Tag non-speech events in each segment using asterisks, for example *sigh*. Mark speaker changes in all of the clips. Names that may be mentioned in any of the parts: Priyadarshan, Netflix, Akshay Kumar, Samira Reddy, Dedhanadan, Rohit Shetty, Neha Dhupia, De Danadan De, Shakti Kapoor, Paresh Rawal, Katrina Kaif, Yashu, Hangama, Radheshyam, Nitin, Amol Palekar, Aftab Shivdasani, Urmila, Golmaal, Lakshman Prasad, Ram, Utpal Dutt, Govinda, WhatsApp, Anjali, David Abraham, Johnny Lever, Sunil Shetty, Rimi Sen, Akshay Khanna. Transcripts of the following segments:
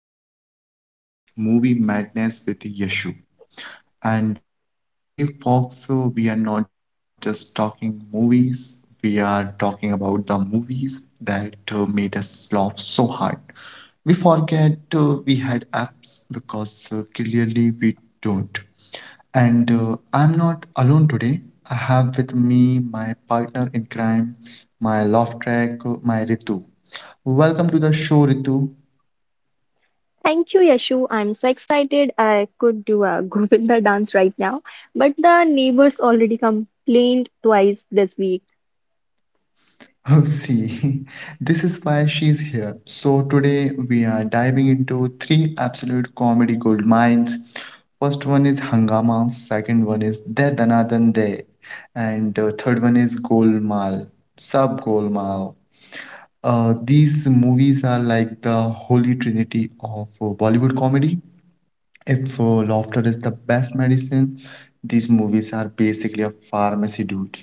Speaker 1: of Wait for It Movie Madness with Yashu. And today, folks, we are not just talking movies, we are talking about the movies that made us laugh so hard. We forget we had apps because clearly we don't. And I'm not alone today. I have with me my partner in crime, my love track, my Ritu. Welcome to the show, Ritu.
Speaker 2: Thank you, Yashu. I'm so excited. I could do a *laughs* Govinda dance right now, but the neighbors already complained twice this week.
Speaker 1: Oh, see, *laughs* this is why she's here. So, today we are diving into three absolute comedy gold mines. First one is Hangama, second one is De Danadan De, and the third one is Golmaal, Sub Golmaal. These movies are like the holy trinity of Bollywood comedy. If laughter is the best medicine, these movies are basically a pharmacy, dude.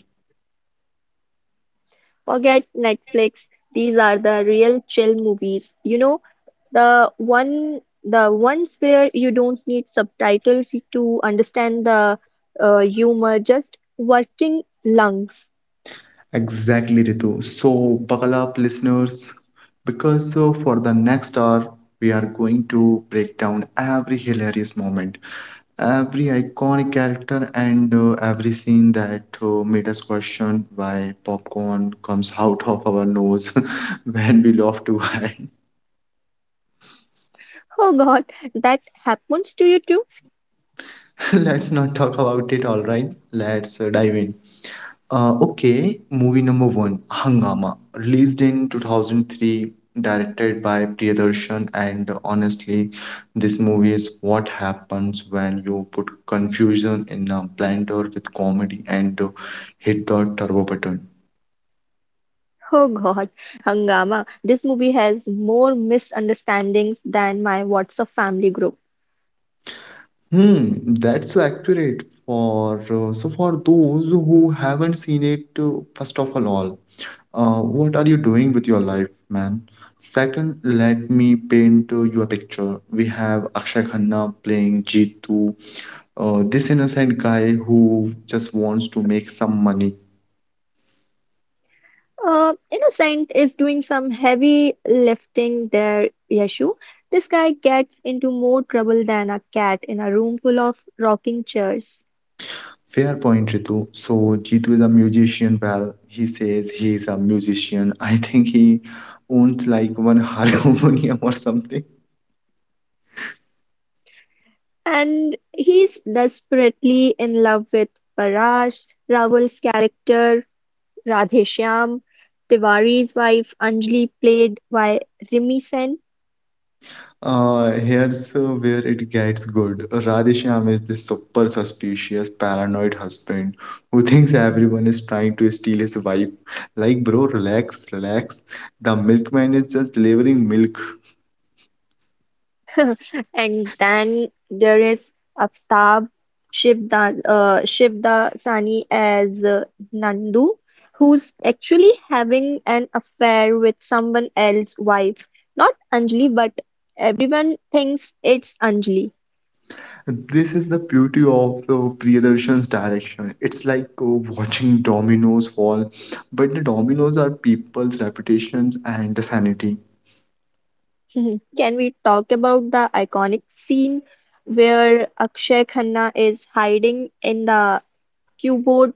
Speaker 2: Forget Netflix. These are the real chill movies. The ones where you don't need subtitles to understand the humor, just working lungs.
Speaker 1: Exactly, Ritu. So, buckle up, listeners, because for the next hour, we are going to break down every hilarious moment, every iconic character, and every scene that made us question why popcorn comes out of our nose *laughs* when we laugh too hard.
Speaker 2: Oh God, that happens to you too?
Speaker 1: *laughs* Let's not talk about it, all right? Let's dive in. Okay, movie number one, Hangama, released in 2003, directed by Priyadarshan, and honestly, this movie is what happens when you put confusion in a blender with comedy and hit the turbo button.
Speaker 2: Oh God, Hangama, this movie has more misunderstandings than my WhatsApp family group.
Speaker 1: Hmm, that's so accurate for so for those who haven't seen it, first of all. What are you doing with your life, man? Second, let me paint you a picture. We have Akshay Khanna playing Jeetu, this innocent guy who just wants to make some money.
Speaker 2: Innocent is doing some heavy lifting there, Yashu. This guy gets into more trouble than a cat in a room full of rocking chairs.
Speaker 1: Fair point, Ritu. So, Jeetu is a musician. Well, he says he is a musician. I think he owns like one *laughs* harmonium or something.
Speaker 2: And he's desperately in love with Parash, Raval's character, Radheshyam, Tiwari's wife, Anjali, played by Rimi Sen.
Speaker 1: Here's where it gets good. Radheshyam is this super suspicious, paranoid husband who thinks everyone is trying to steal his wife. Like, bro, relax, relax. The milkman is just delivering milk.
Speaker 2: *laughs* And then there is Aftab Shivdasani as Nandu, who's actually having an affair with someone else's wife. Not Anjali, but everyone thinks it's Anjali.
Speaker 1: This is the beauty of the Priyadarshan's direction. It's like watching dominoes fall, but the dominoes are people's reputations and sanity.
Speaker 2: *laughs* Can we talk about the iconic scene where Akshay Khanna is hiding in the cupboard?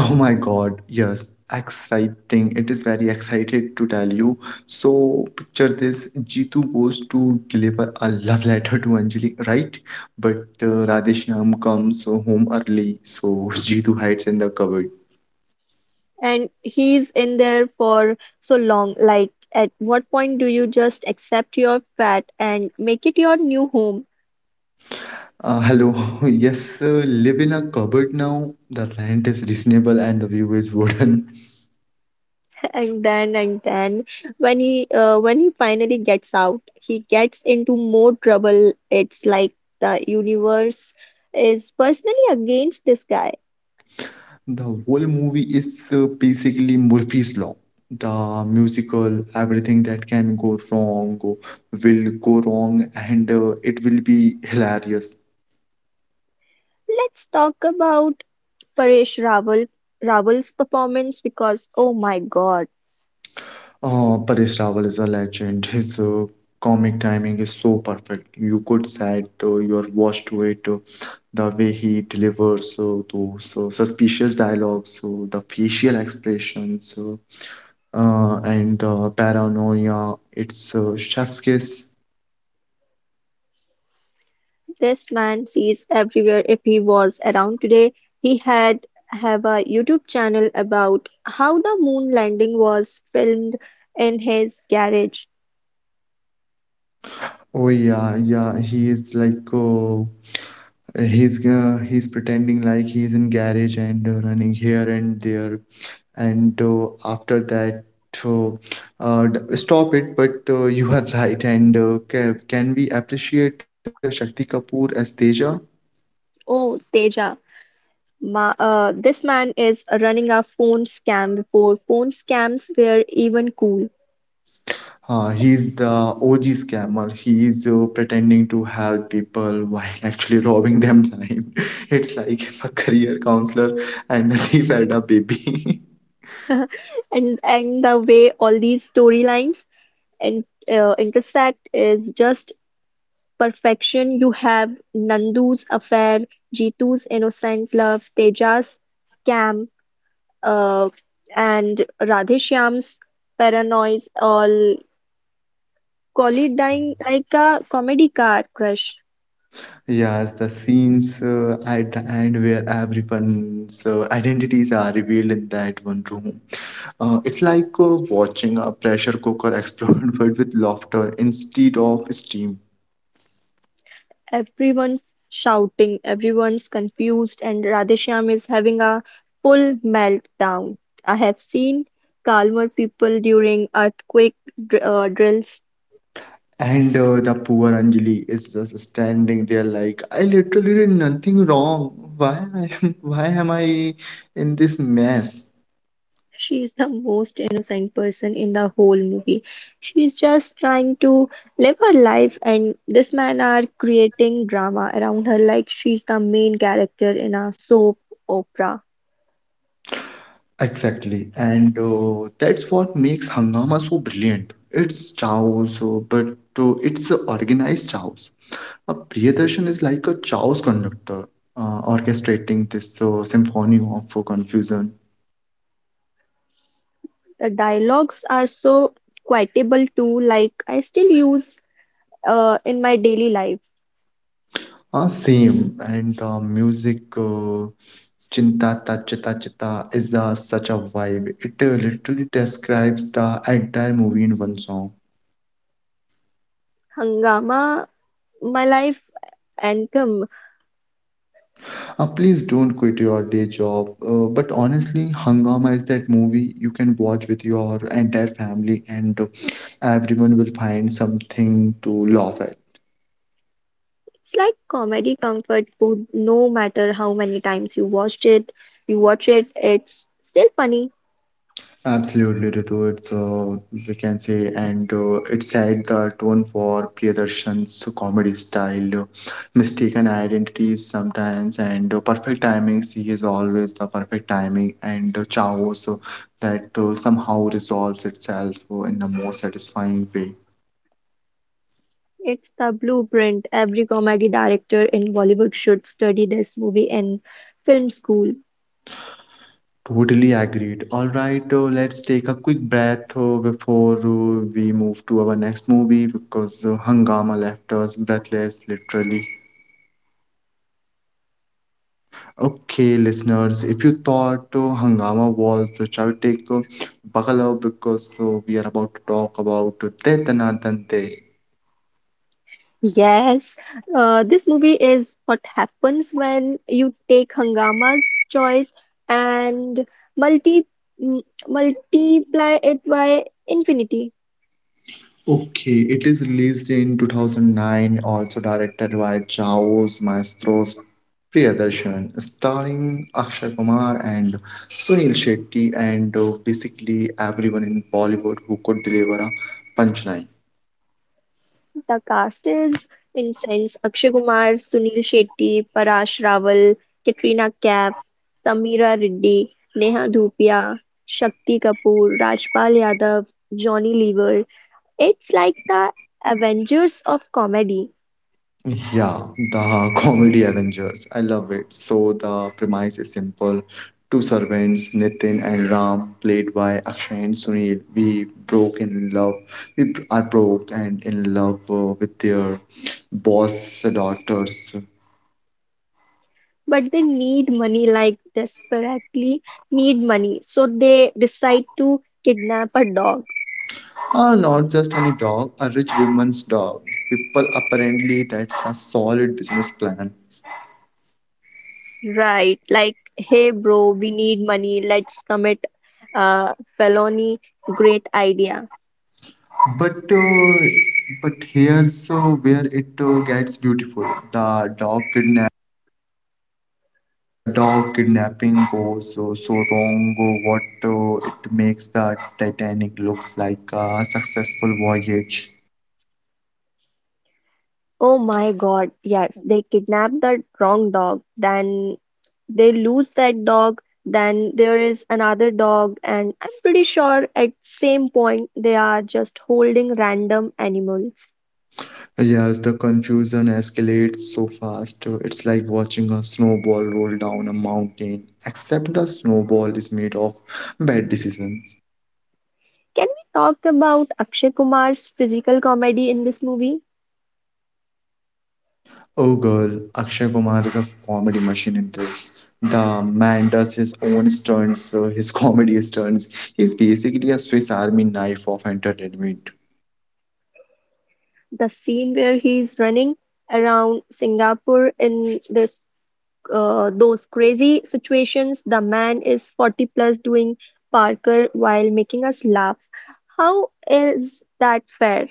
Speaker 1: Oh my God, yes, exciting. It is very excited to tell you. So picture this, Jitu goes to deliver a love letter to Anjali, right? But Radheshyam comes home early, so *laughs* Jitu hides in the cupboard.
Speaker 2: And he's in there for so long. Like, at what point do you just accept your fat and make it your new home?
Speaker 1: Hello, *laughs* yes, live in a cupboard now. The rent is reasonable and the view is wooden.
Speaker 2: *laughs* And then, and then, when he finally gets out, he gets into more trouble. It's like the universe is personally against this guy.
Speaker 1: The whole movie is basically Murphy's Law. The musical, everything that can will go wrong, and it will be hilarious.
Speaker 2: Let's talk about Paresh Rawal's performance because oh my God.
Speaker 1: Paresh Rawal is a legend. His comic timing is so perfect. You could set your watch to it. The way he delivers those suspicious dialogues, the facial expressions, and the paranoia. It's chef's kiss.
Speaker 2: This man sees everywhere. If he was around today, he had have a YouTube channel about how the moon landing was filmed in his garage.
Speaker 1: Oh yeah, yeah. He is like he's pretending like he's in garage and running here and there. And after that, uh, stop it. But you are *laughs* right. And can we appreciate Shakti Kapoor as Teja?
Speaker 2: Oh Teja, ma this man is running a phone scam before phone scams were even cool.
Speaker 1: He's the OG scammer. He is pretending to help people while *laughs* actually robbing them blind. *laughs* It's like if a career counselor and a thief had a baby. *laughs*
Speaker 2: And the way all these storylines and intersect is just perfection. You have Nandu's affair, Jitu's innocent love, Teja's scam, uh, and Radheshyam's paranoias all colliding like a comedy car crash.
Speaker 1: Yes, the scenes at the end where everyone's identities are revealed in that one room. It's like watching a pressure cooker explode *laughs* but with laughter instead of steam.
Speaker 2: Everyone's shouting, everyone's confused, and Radheshyam is having a full meltdown. I have seen calmer people during earthquake drills.
Speaker 1: And the poor Anjali is just standing there like, I literally did nothing wrong. *laughs* Why am I in this mess?
Speaker 2: She is the most innocent person in the whole movie. She's just trying to live her life, and this man are creating drama around her like she's the main character in a soap opera.
Speaker 1: Exactly. And that's what makes Hangama so brilliant. It's chaos, but it's organized chaos. Priyadarshan is like a chaos conductor, orchestrating this symphony of confusion.
Speaker 2: The dialogues are so quotable too, like I still use in my daily life.
Speaker 1: Same, and the music Chinta Ta Chita Chita is such a vibe. It literally describes the entire movie in one song.
Speaker 2: Hangama, my life anthem.
Speaker 1: Please don't quit your day job. But honestly, Hangama is that movie you can watch with your entire family, and everyone will find something to laugh at.
Speaker 2: It's like comedy comfort food. No matter how many times you watch it, it's still funny.
Speaker 1: Absolutely, Ritu. It's we can say, and It set the tone for Priyadarshan's comedy style. Mistaken identities sometimes, and perfect timings. He is always the perfect timing, and chaos that somehow resolves itself in the most satisfying way.
Speaker 2: It's the blueprint. Every comedy director in Bollywood should study this movie in film school.
Speaker 1: Totally agreed. All right, let's take a quick breath before we move to our next movie because Hangama left us breathless, literally. Okay, listeners, if you thought Hangama was a chaotic, buckle up because we are about to talk about Tetana Dante.
Speaker 2: Yes, this movie is what happens when you take Hangama's choice and multi m multiply it by infinity.
Speaker 1: Okay, it is released in 2009, also directed by Chaos Maestros Priyadarshan, starring Akshay Kumar and Sunil Shetty, and basically everyone in Bollywood who could deliver a punchline.
Speaker 2: The cast is insane: Akshay Kumar, Sunil Shetty, Parash Rawal, Katrina Kaif, Samira Reddy, Neha Dhupia, Shakti Kapoor, Rajpal Yadav, Johnny Lever. It's like the Avengers of comedy,
Speaker 1: Yeah, the *laughs* comedy Avengers. I love it. So the premise is simple. Two servants, Nitin and Ram, played by Akshay and Sunil. We are broke and in love with their boss daughters.
Speaker 2: but they need money. Like, desperately need money. So they decide to kidnap a dog.
Speaker 1: Not just any dog, a rich woman's dog. People apparently that's a solid business plan.
Speaker 2: Right, like, hey bro, we need money, let's commit a felony. Great idea.
Speaker 1: But uh, but here's where it gets beautiful. The dog kidnapping goes so, so wrong or what it makes the titanic looks like a successful voyage.
Speaker 2: Oh my God, yes, they kidnap that wrong dog, then they lose that dog, then there is another dog, and I'm pretty sure at same point they are just holding random animals.
Speaker 1: Yes, the confusion escalates so fast, it's like watching a snowball roll down a mountain except the snowball is made of bad decisions.
Speaker 2: Can we talk about Akshay Kumar's physical comedy in this movie?
Speaker 1: Oh girl, Akshay Kumar is a comedy machine in this. The man does his own stunts, his *laughs* comedy stunts. He's basically a Swiss army knife of entertainment.
Speaker 2: The scene where he's running around Singapore in this those crazy situations. The man is 40 plus doing Parker while making us laugh. How is that fair?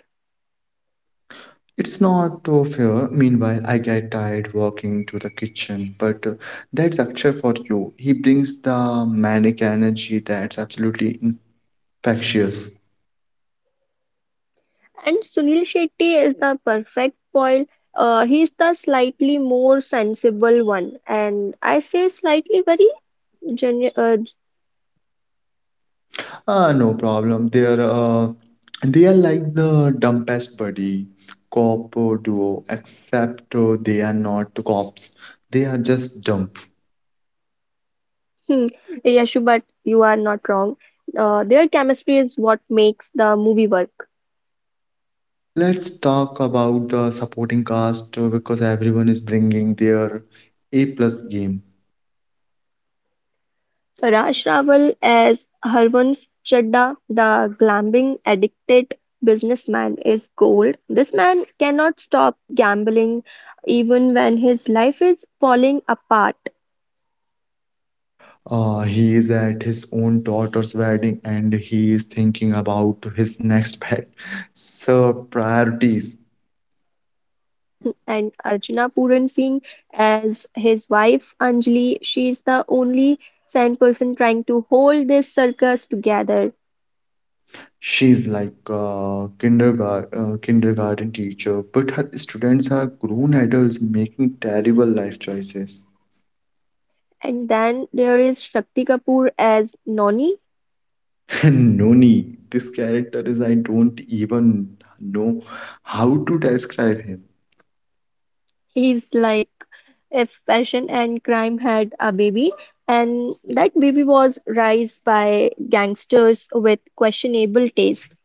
Speaker 1: It's not fair. Meanwhile, I get tired walking to the kitchen, but that's Akshay for you. He brings the manic energy that's absolutely infectious.
Speaker 2: And Sunil Shetty is the perfect foil. He's the slightly more sensible one, and I say slightly very genu- uh,
Speaker 1: Ah, no problem. They are like the dumbest buddy cop duo, except they are not cops. They are just dumb.
Speaker 2: *laughs* hmm, Yashu, but you are not wrong. Their chemistry is what makes the movie work.
Speaker 1: Let's talk about the supporting cast because everyone is bringing their A plus game.
Speaker 2: Raj Rawal as Harvansh Chadda, the gambling-addicted businessman, is gold. This man cannot stop gambling even when his life is falling apart.
Speaker 1: He is at his own daughter's wedding and he is thinking about his next *laughs* pet. So priorities.
Speaker 2: And Archana Puran Singh as his wife Anjali, she is the only sane person trying to hold this circus together.
Speaker 1: She's like a kindergarten teacher, but her students are grown adults making terrible life choices.
Speaker 2: And then there is Shakti Kapoor as Noni.
Speaker 1: *laughs* Noni, this character is I don't even know how to describe him.
Speaker 2: He's like if Passion and Crime had a baby, and that baby was raised by gangsters with questionable taste.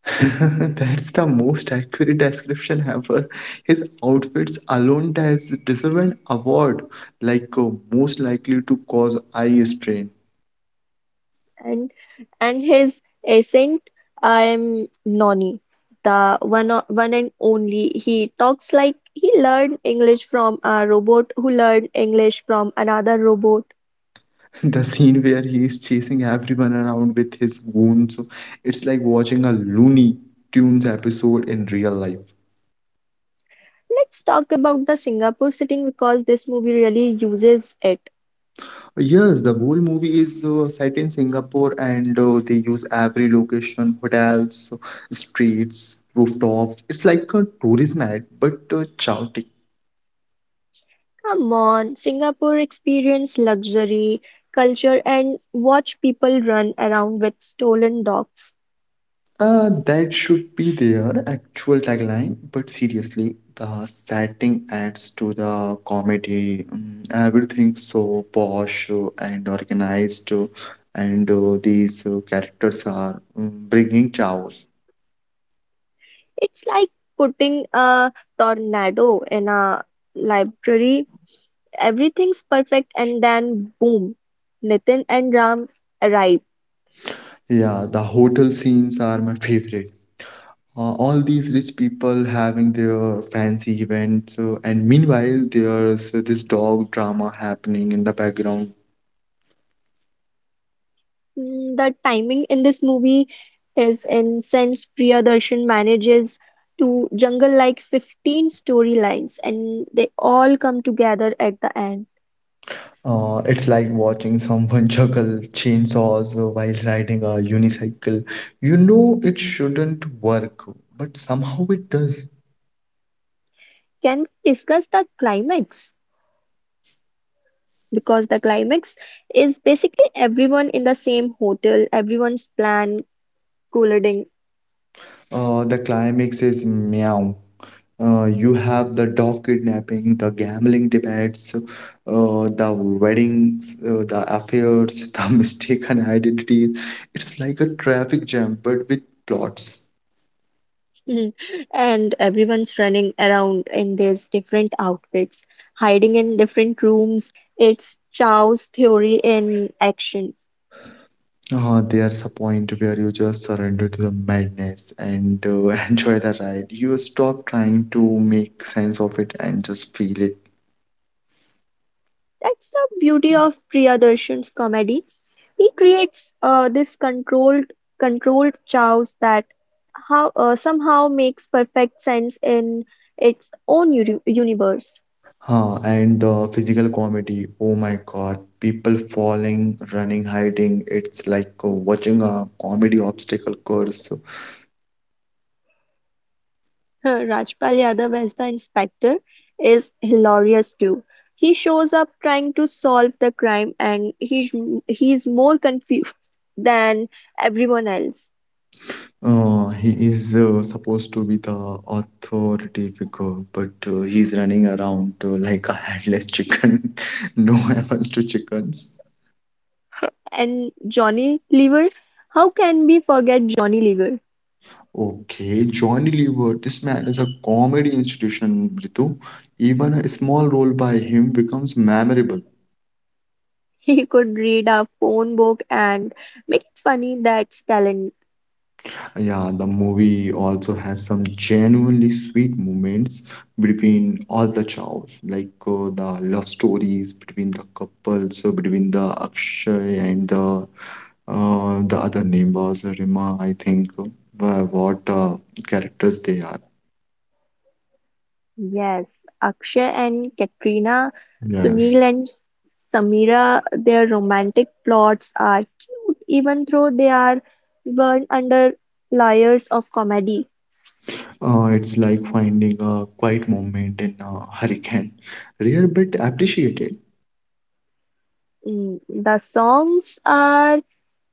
Speaker 1: *laughs* That's the most accurate description ever. His outfits alone deserve an award, like most likely to cause eye strain.
Speaker 2: And and his ascent, I'm Nonny, the one and only. He talks like he learned English from a robot who learned English from another robot.
Speaker 1: *laughs* The scene where he is chasing everyone around with his wounds, it's like watching a Looney Tunes episode in real life.
Speaker 2: Let's talk about the Singapore setting because this movie really uses it.
Speaker 1: Yes, the whole movie is set in Singapore and they use every location, hotels, streets, rooftops. It's like a tourism ad, but chaotic.
Speaker 2: Come on, Singapore, experience luxury, culture, and watch people run around with stolen dogs.
Speaker 1: That should be their actual tagline, but seriously, the setting adds to the comedy. Mm, everything so posh and organized, and these characters are bringing chaos.
Speaker 2: It's like putting a tornado in a library. Everything's perfect, and then boom, Nitin and Ram arrive.
Speaker 1: Yeah, the hotel scenes are my favorite. All these rich people having their fancy events, and meanwhile, there's this dog drama happening in the background.
Speaker 2: The timing in this movie is incense. Priyadarshan manages to jungle like 15 storylines, and they all come together at the end.
Speaker 1: It's like watching someone *laughs* juggle chainsaws while riding a unicycle. You know it shouldn't work, but somehow it does.
Speaker 2: Can we discuss the climax? Because the climax is basically everyone in the same hotel, everyone's plan colliding.
Speaker 1: The climax is meow. You have the dog kidnapping, the gambling debates, the weddings, the affairs, *laughs* the mistaken identities. It's like a traffic jam, but with plots.
Speaker 2: *laughs* And everyone's running around in their different outfits, hiding in different rooms. It's Chow's theory in action.
Speaker 1: There's a point where you just surrender to the madness and *laughs* enjoy the ride. You stop trying to make sense of it and just feel it.
Speaker 2: That's the beauty of Priyadarshan's comedy. He creates this controlled chaos that how somehow makes perfect sense in its universe.
Speaker 1: Huh, and the physical comedy, oh my God, people falling, running, hiding. It's like watching a comedy obstacle course.
Speaker 2: *laughs* Rajpal Yadav as the inspector is hilarious too. He shows up trying to solve the crime and he's more confused *laughs* than everyone else.
Speaker 1: He is supposed to be the authority figure, but he's running around like a headless chicken. *laughs* No offense to chickens.
Speaker 2: And Johnny Lever, how can we forget Johnny Lever?
Speaker 1: Okay, Johnny Lever. This man is a comedy institution, Ritu. Even a small role by him becomes memorable.
Speaker 2: *laughs* He could read a phone book and make it funny. That's talent.
Speaker 1: Yeah, the movie also has some genuinely sweet moments between all the chows, like the love stories between the couples, so between the Akshay and the other name was Rima, I think. What characters they are.
Speaker 2: Yes, Akshay and Katrina,
Speaker 1: Yes.
Speaker 2: Sunil and Samira, their romantic plots are cute even though they are burned under layers of comedy.
Speaker 1: It's like finding a quiet moment in a hurricane. Rare but appreciated.
Speaker 2: The songs are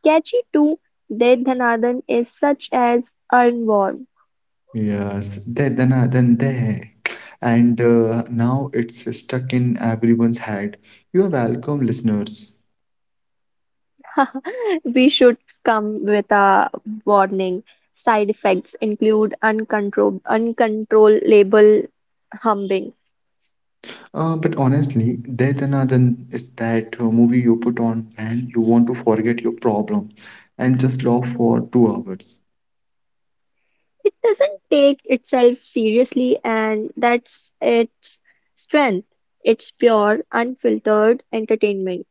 Speaker 2: catchy too. Dedhanadan is such as Earnworm.
Speaker 1: Yes, then there. And now it's stuck in everyone's head. You are welcome, listeners.
Speaker 2: *laughs* We should come with a warning. Side effects include uncontrollable humming.
Speaker 1: But honestly, there then is that movie you put on when you want to forget your problem and just laugh for 2 hours.
Speaker 2: It doesn't take itself seriously, and that's its strength. It's pure, unfiltered entertainment.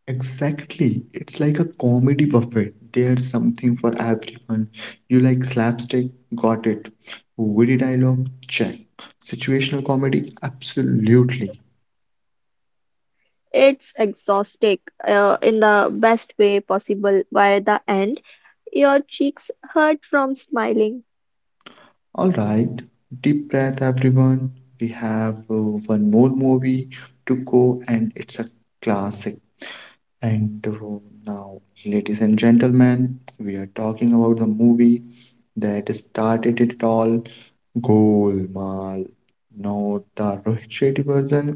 Speaker 1: Exactly. It's like a comedy buffet. There's something for everyone. You like slapstick? Got it. Witty dialogue? Check. Situational comedy? Absolutely.
Speaker 2: It's exhausting in the best way possible. By the end, your cheeks hurt from smiling.
Speaker 1: All right. Deep breath, everyone. We have one more movie to go, and it's a classic. And Now, ladies and gentlemen, we are talking about the movie that started it all, Golmaal. No, the Rohit Shetty version.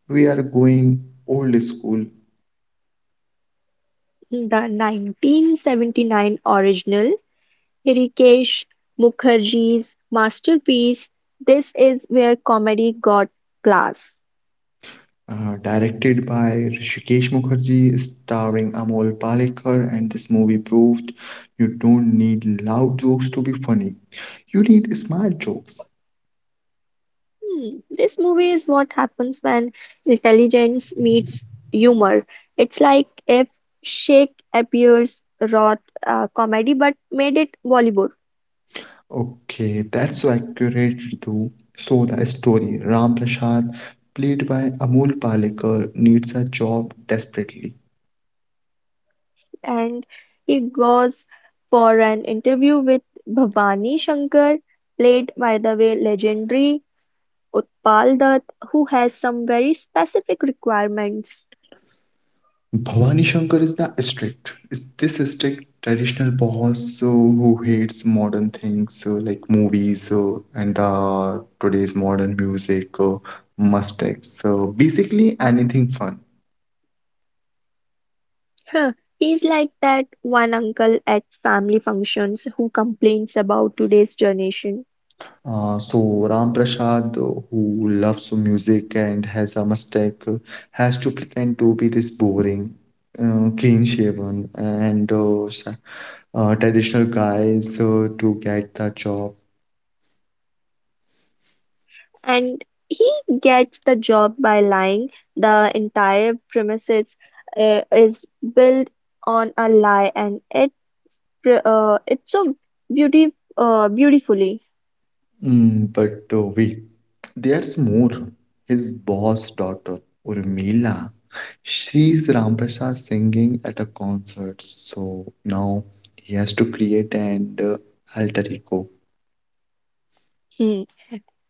Speaker 1: We are going old school.
Speaker 2: The 1979 original, Hrishikesh Mukherjee's masterpiece, this is where comedy got class.
Speaker 1: Directed by Rishikesh Mukherjee, starring Amol Palekar, and this movie proved you don't need loud jokes to be funny. You need smart jokes.
Speaker 2: This movie is what happens when intelligence meets humor. It's like if Sheikh appears wrote comedy but made it Bollywood.
Speaker 1: Okay, that's so accurate, Ritu. So the story, Ram Prasad, played by Amol Palekar, needs a job desperately.
Speaker 2: And he goes for an interview with Bhavani Shankar, played by the way legendary Utpal Dutt, who has some very specific requirements.
Speaker 1: Bhavani Shankar is the strict. Is this strict traditional boss so who hates modern things, so like movies, so and the today's modern music, mustaches, so basically anything fun.
Speaker 2: Huh, He's like that one uncle at family functions who complains about today's generation.
Speaker 1: So Ram Prasad, who loves music and has a mustache, has to pretend to be this boring, clean shaven and traditional guys to get the job.
Speaker 2: And he gets the job by lying. The entire premises is built on a lie, and it it's so beauty beautifully.
Speaker 1: Mm, but Wait, there's more. His boss daughter, Urmila, she's Ramprasad singing at a concert, so now he has to create an alter ego.
Speaker 2: Hmm.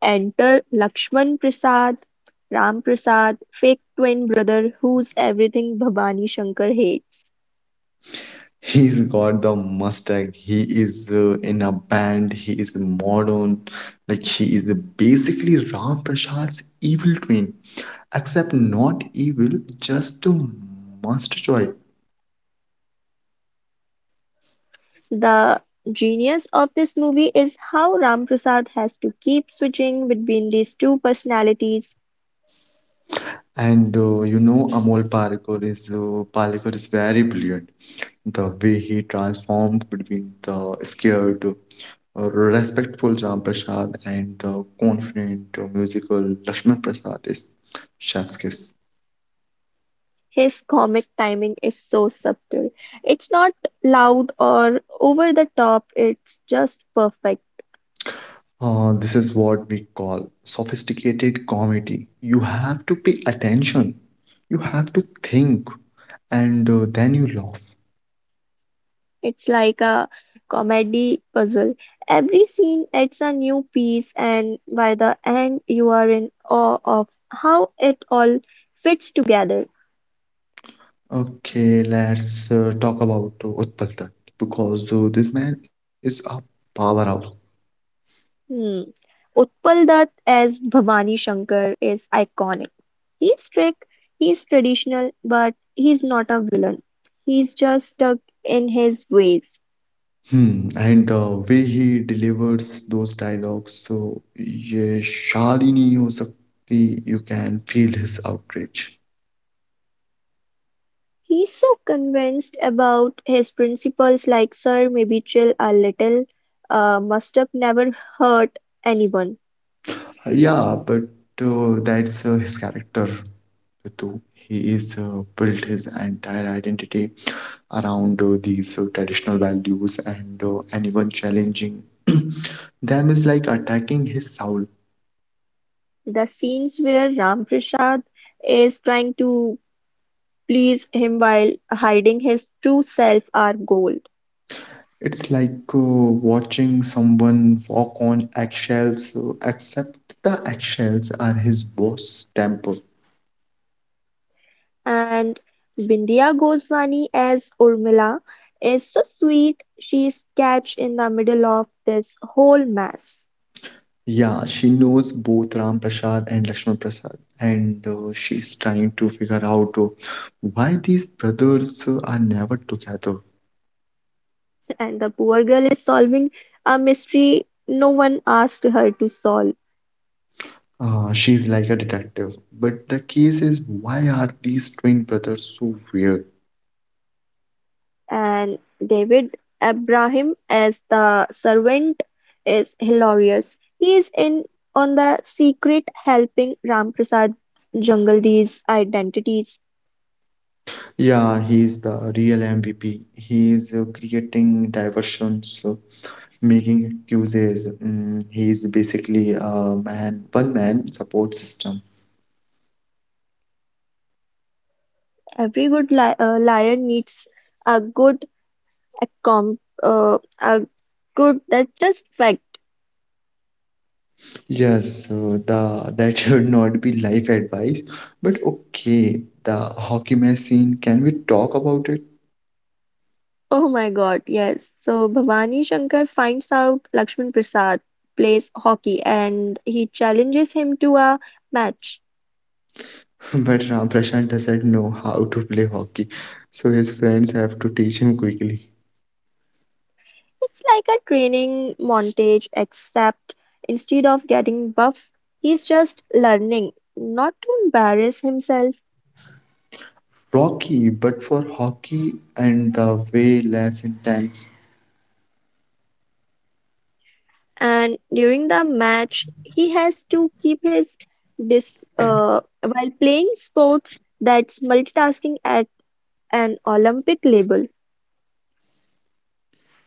Speaker 2: Enter Lakshman Prasad, Ram Prasad, fake twin brother who's everything Bhavani Shankar hates.
Speaker 1: He's got the mustache. He is in a band, he is modern, like he is basically Ramprasad's evil twin, except not evil, just a must joy.
Speaker 2: The genius of this movie is how Ram Prasad has to keep switching between these two personalities.
Speaker 1: And You know, Amol Parikar is very brilliant. The way he transformed between the scared, respectful Ram Prasad and the confident, musical Lakshman Prasad is chef's kiss.
Speaker 2: His comic timing is so subtle. It's not loud or over the top, it's just perfect.
Speaker 1: This is what we call sophisticated comedy. You have to pay attention, you have to think, and then you laugh.
Speaker 2: It's like a comedy puzzle. Every scene adds a new piece, and by the end, you are in awe of how it all fits together.
Speaker 1: Okay, let's talk about Utpal Dutt because this man is a powerhouse.
Speaker 2: Hmm. Utpal Dutt as Bhavani Shankar is iconic. He's strict, he's traditional, but he's not a villain. He's just stuck in his ways.
Speaker 1: Hmm, and the way he delivers those dialogues, so ye shaadini ho sakti, you can feel his outrage.
Speaker 2: He's so convinced about his principles. Like, sir, maybe chill a little, must've never hurt anyone.
Speaker 1: Yeah, but that's his character, Ritu. He is built his entire identity around these traditional values, and anyone challenging *clears throat* them is like attacking his soul.
Speaker 2: The scenes where Ramprasad is trying to please him while hiding his true self are gold.
Speaker 1: It's like watching someone walk on eggshells, except the eggshells are his boss' temper.
Speaker 2: And Vindhya Goswami as Urmila is so sweet. She is catched in the middle of this whole mess.
Speaker 1: Yeah, she knows both Ram Prasad and Lakshman Prasad, and she's trying to figure out why these brothers are never together.
Speaker 2: And the poor girl is solving a mystery no one asked her to solve.
Speaker 1: She's like a detective, but the case is why are these twin brothers so weird?
Speaker 2: And David Abraham as the servant is hilarious. He is in on the secret, helping Ramprasad jungle these identities.
Speaker 1: Yeah, he's the real MVP. He's creating diversions. Making excuses. He's basically a man, one man support system.
Speaker 2: Every good li liar needs a good accom a good, that's just fact.
Speaker 1: Yes, so the that *laughs* should not be life advice, but okay, the hockey match scene. Can we talk about it?
Speaker 2: Oh my God, yes. So Bhavani Shankar finds out Lakshman Prasad plays hockey and he challenges him to a match.
Speaker 1: *laughs* But Ram Prashant doesn't know how to play hockey, so his friends have to teach him quickly.
Speaker 2: It's like a training montage, except instead of getting buff, he's just learning not to embarrass himself.
Speaker 1: Rocky, but for hockey and the way less intense.
Speaker 2: And during the match, he has to keep his dis while playing sports. That's multitasking at an Olympic level.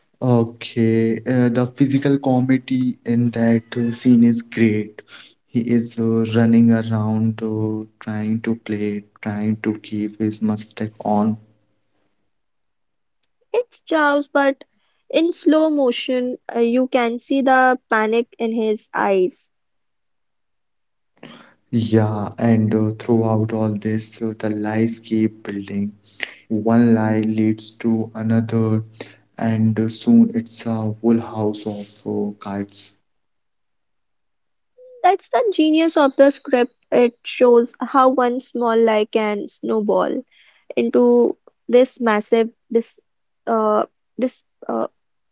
Speaker 1: Okay, the physical comedy in that scene is great. He is running around, trying to play, trying to keep his mustache on.
Speaker 2: It's chaos, but in slow motion, you can see the panic in his eyes.
Speaker 1: Yeah, and throughout all this, the lies keep building. One lie leads to another, and soon it's a whole house of kites.
Speaker 2: That's the genius of the script. It shows how one small lie can snowball into this massive uh, dis, uh,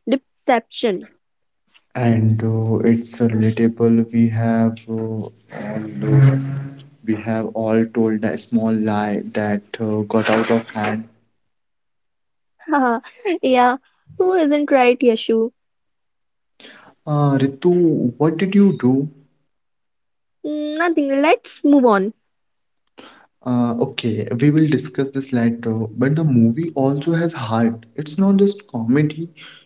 Speaker 2: deception.
Speaker 1: And it's relatable. We have all told a small lie that got out of hand.
Speaker 2: *laughs* Haha, yeah, who isn't right, Yashu?
Speaker 1: Ritu, what did you do?
Speaker 2: Nothing. Let's move on.
Speaker 1: Okay, we will discuss this later. But the movie also has heart. It's not just comedy;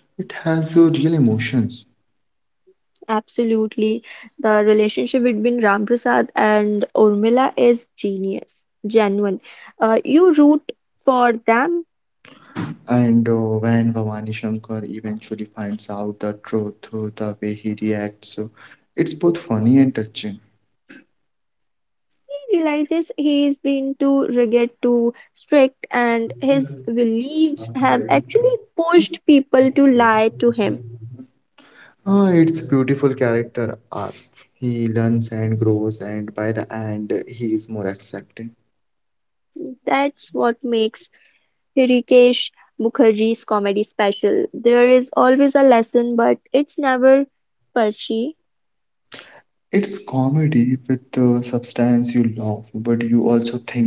Speaker 1: it has real emotions.
Speaker 2: Absolutely, the relationship between Ram Prasad and Urmila is genuine. You root for them.
Speaker 1: And When Bhavani Shankar eventually finds out the truth, the way he reacts, it's both funny and touching.
Speaker 2: He realizes he has been too rigid, too strict, and his beliefs have actually pushed people to lie to him.
Speaker 1: Ah, it's beautiful character arc. He learns and grows, and by the end, he is more accepting.
Speaker 2: That's what makes Hrishikesh Mukherjee's comedy special. There is always a lesson, but it's never preachy.
Speaker 1: It's comedy with the substance you love, but you also think,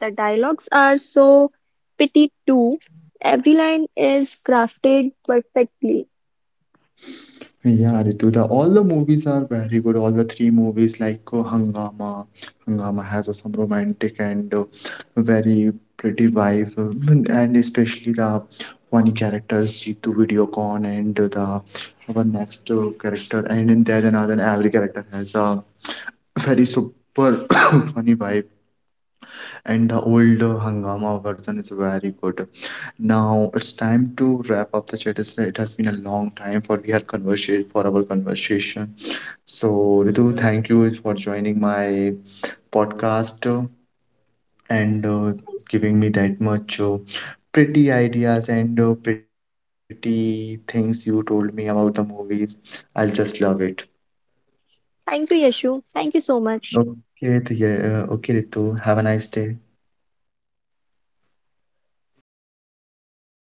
Speaker 2: The dialogues are so pithy too. Every line is crafted perfectly.
Speaker 1: yeah, Ritu, all the movies are very good. All the three movies, like Hangama, Hangama has some romantic and very pretty wife, and especially the funny characters, Jitu Videocon, and the our next character, and in there, another every character has a very super *coughs* funny vibe, and the old Hangama version is very good. Now it's time to wrap up the chat. It has been a long time for we had conversation for our conversation. So Ritu, thank you for joining my podcast and giving me that much pretty ideas and pretty things you told me about the movies. I'll just love it.
Speaker 2: Thank you, Yashu. Thank you so much.
Speaker 1: Okay, Ritu, yeah, okay, Ritu. Have a nice day.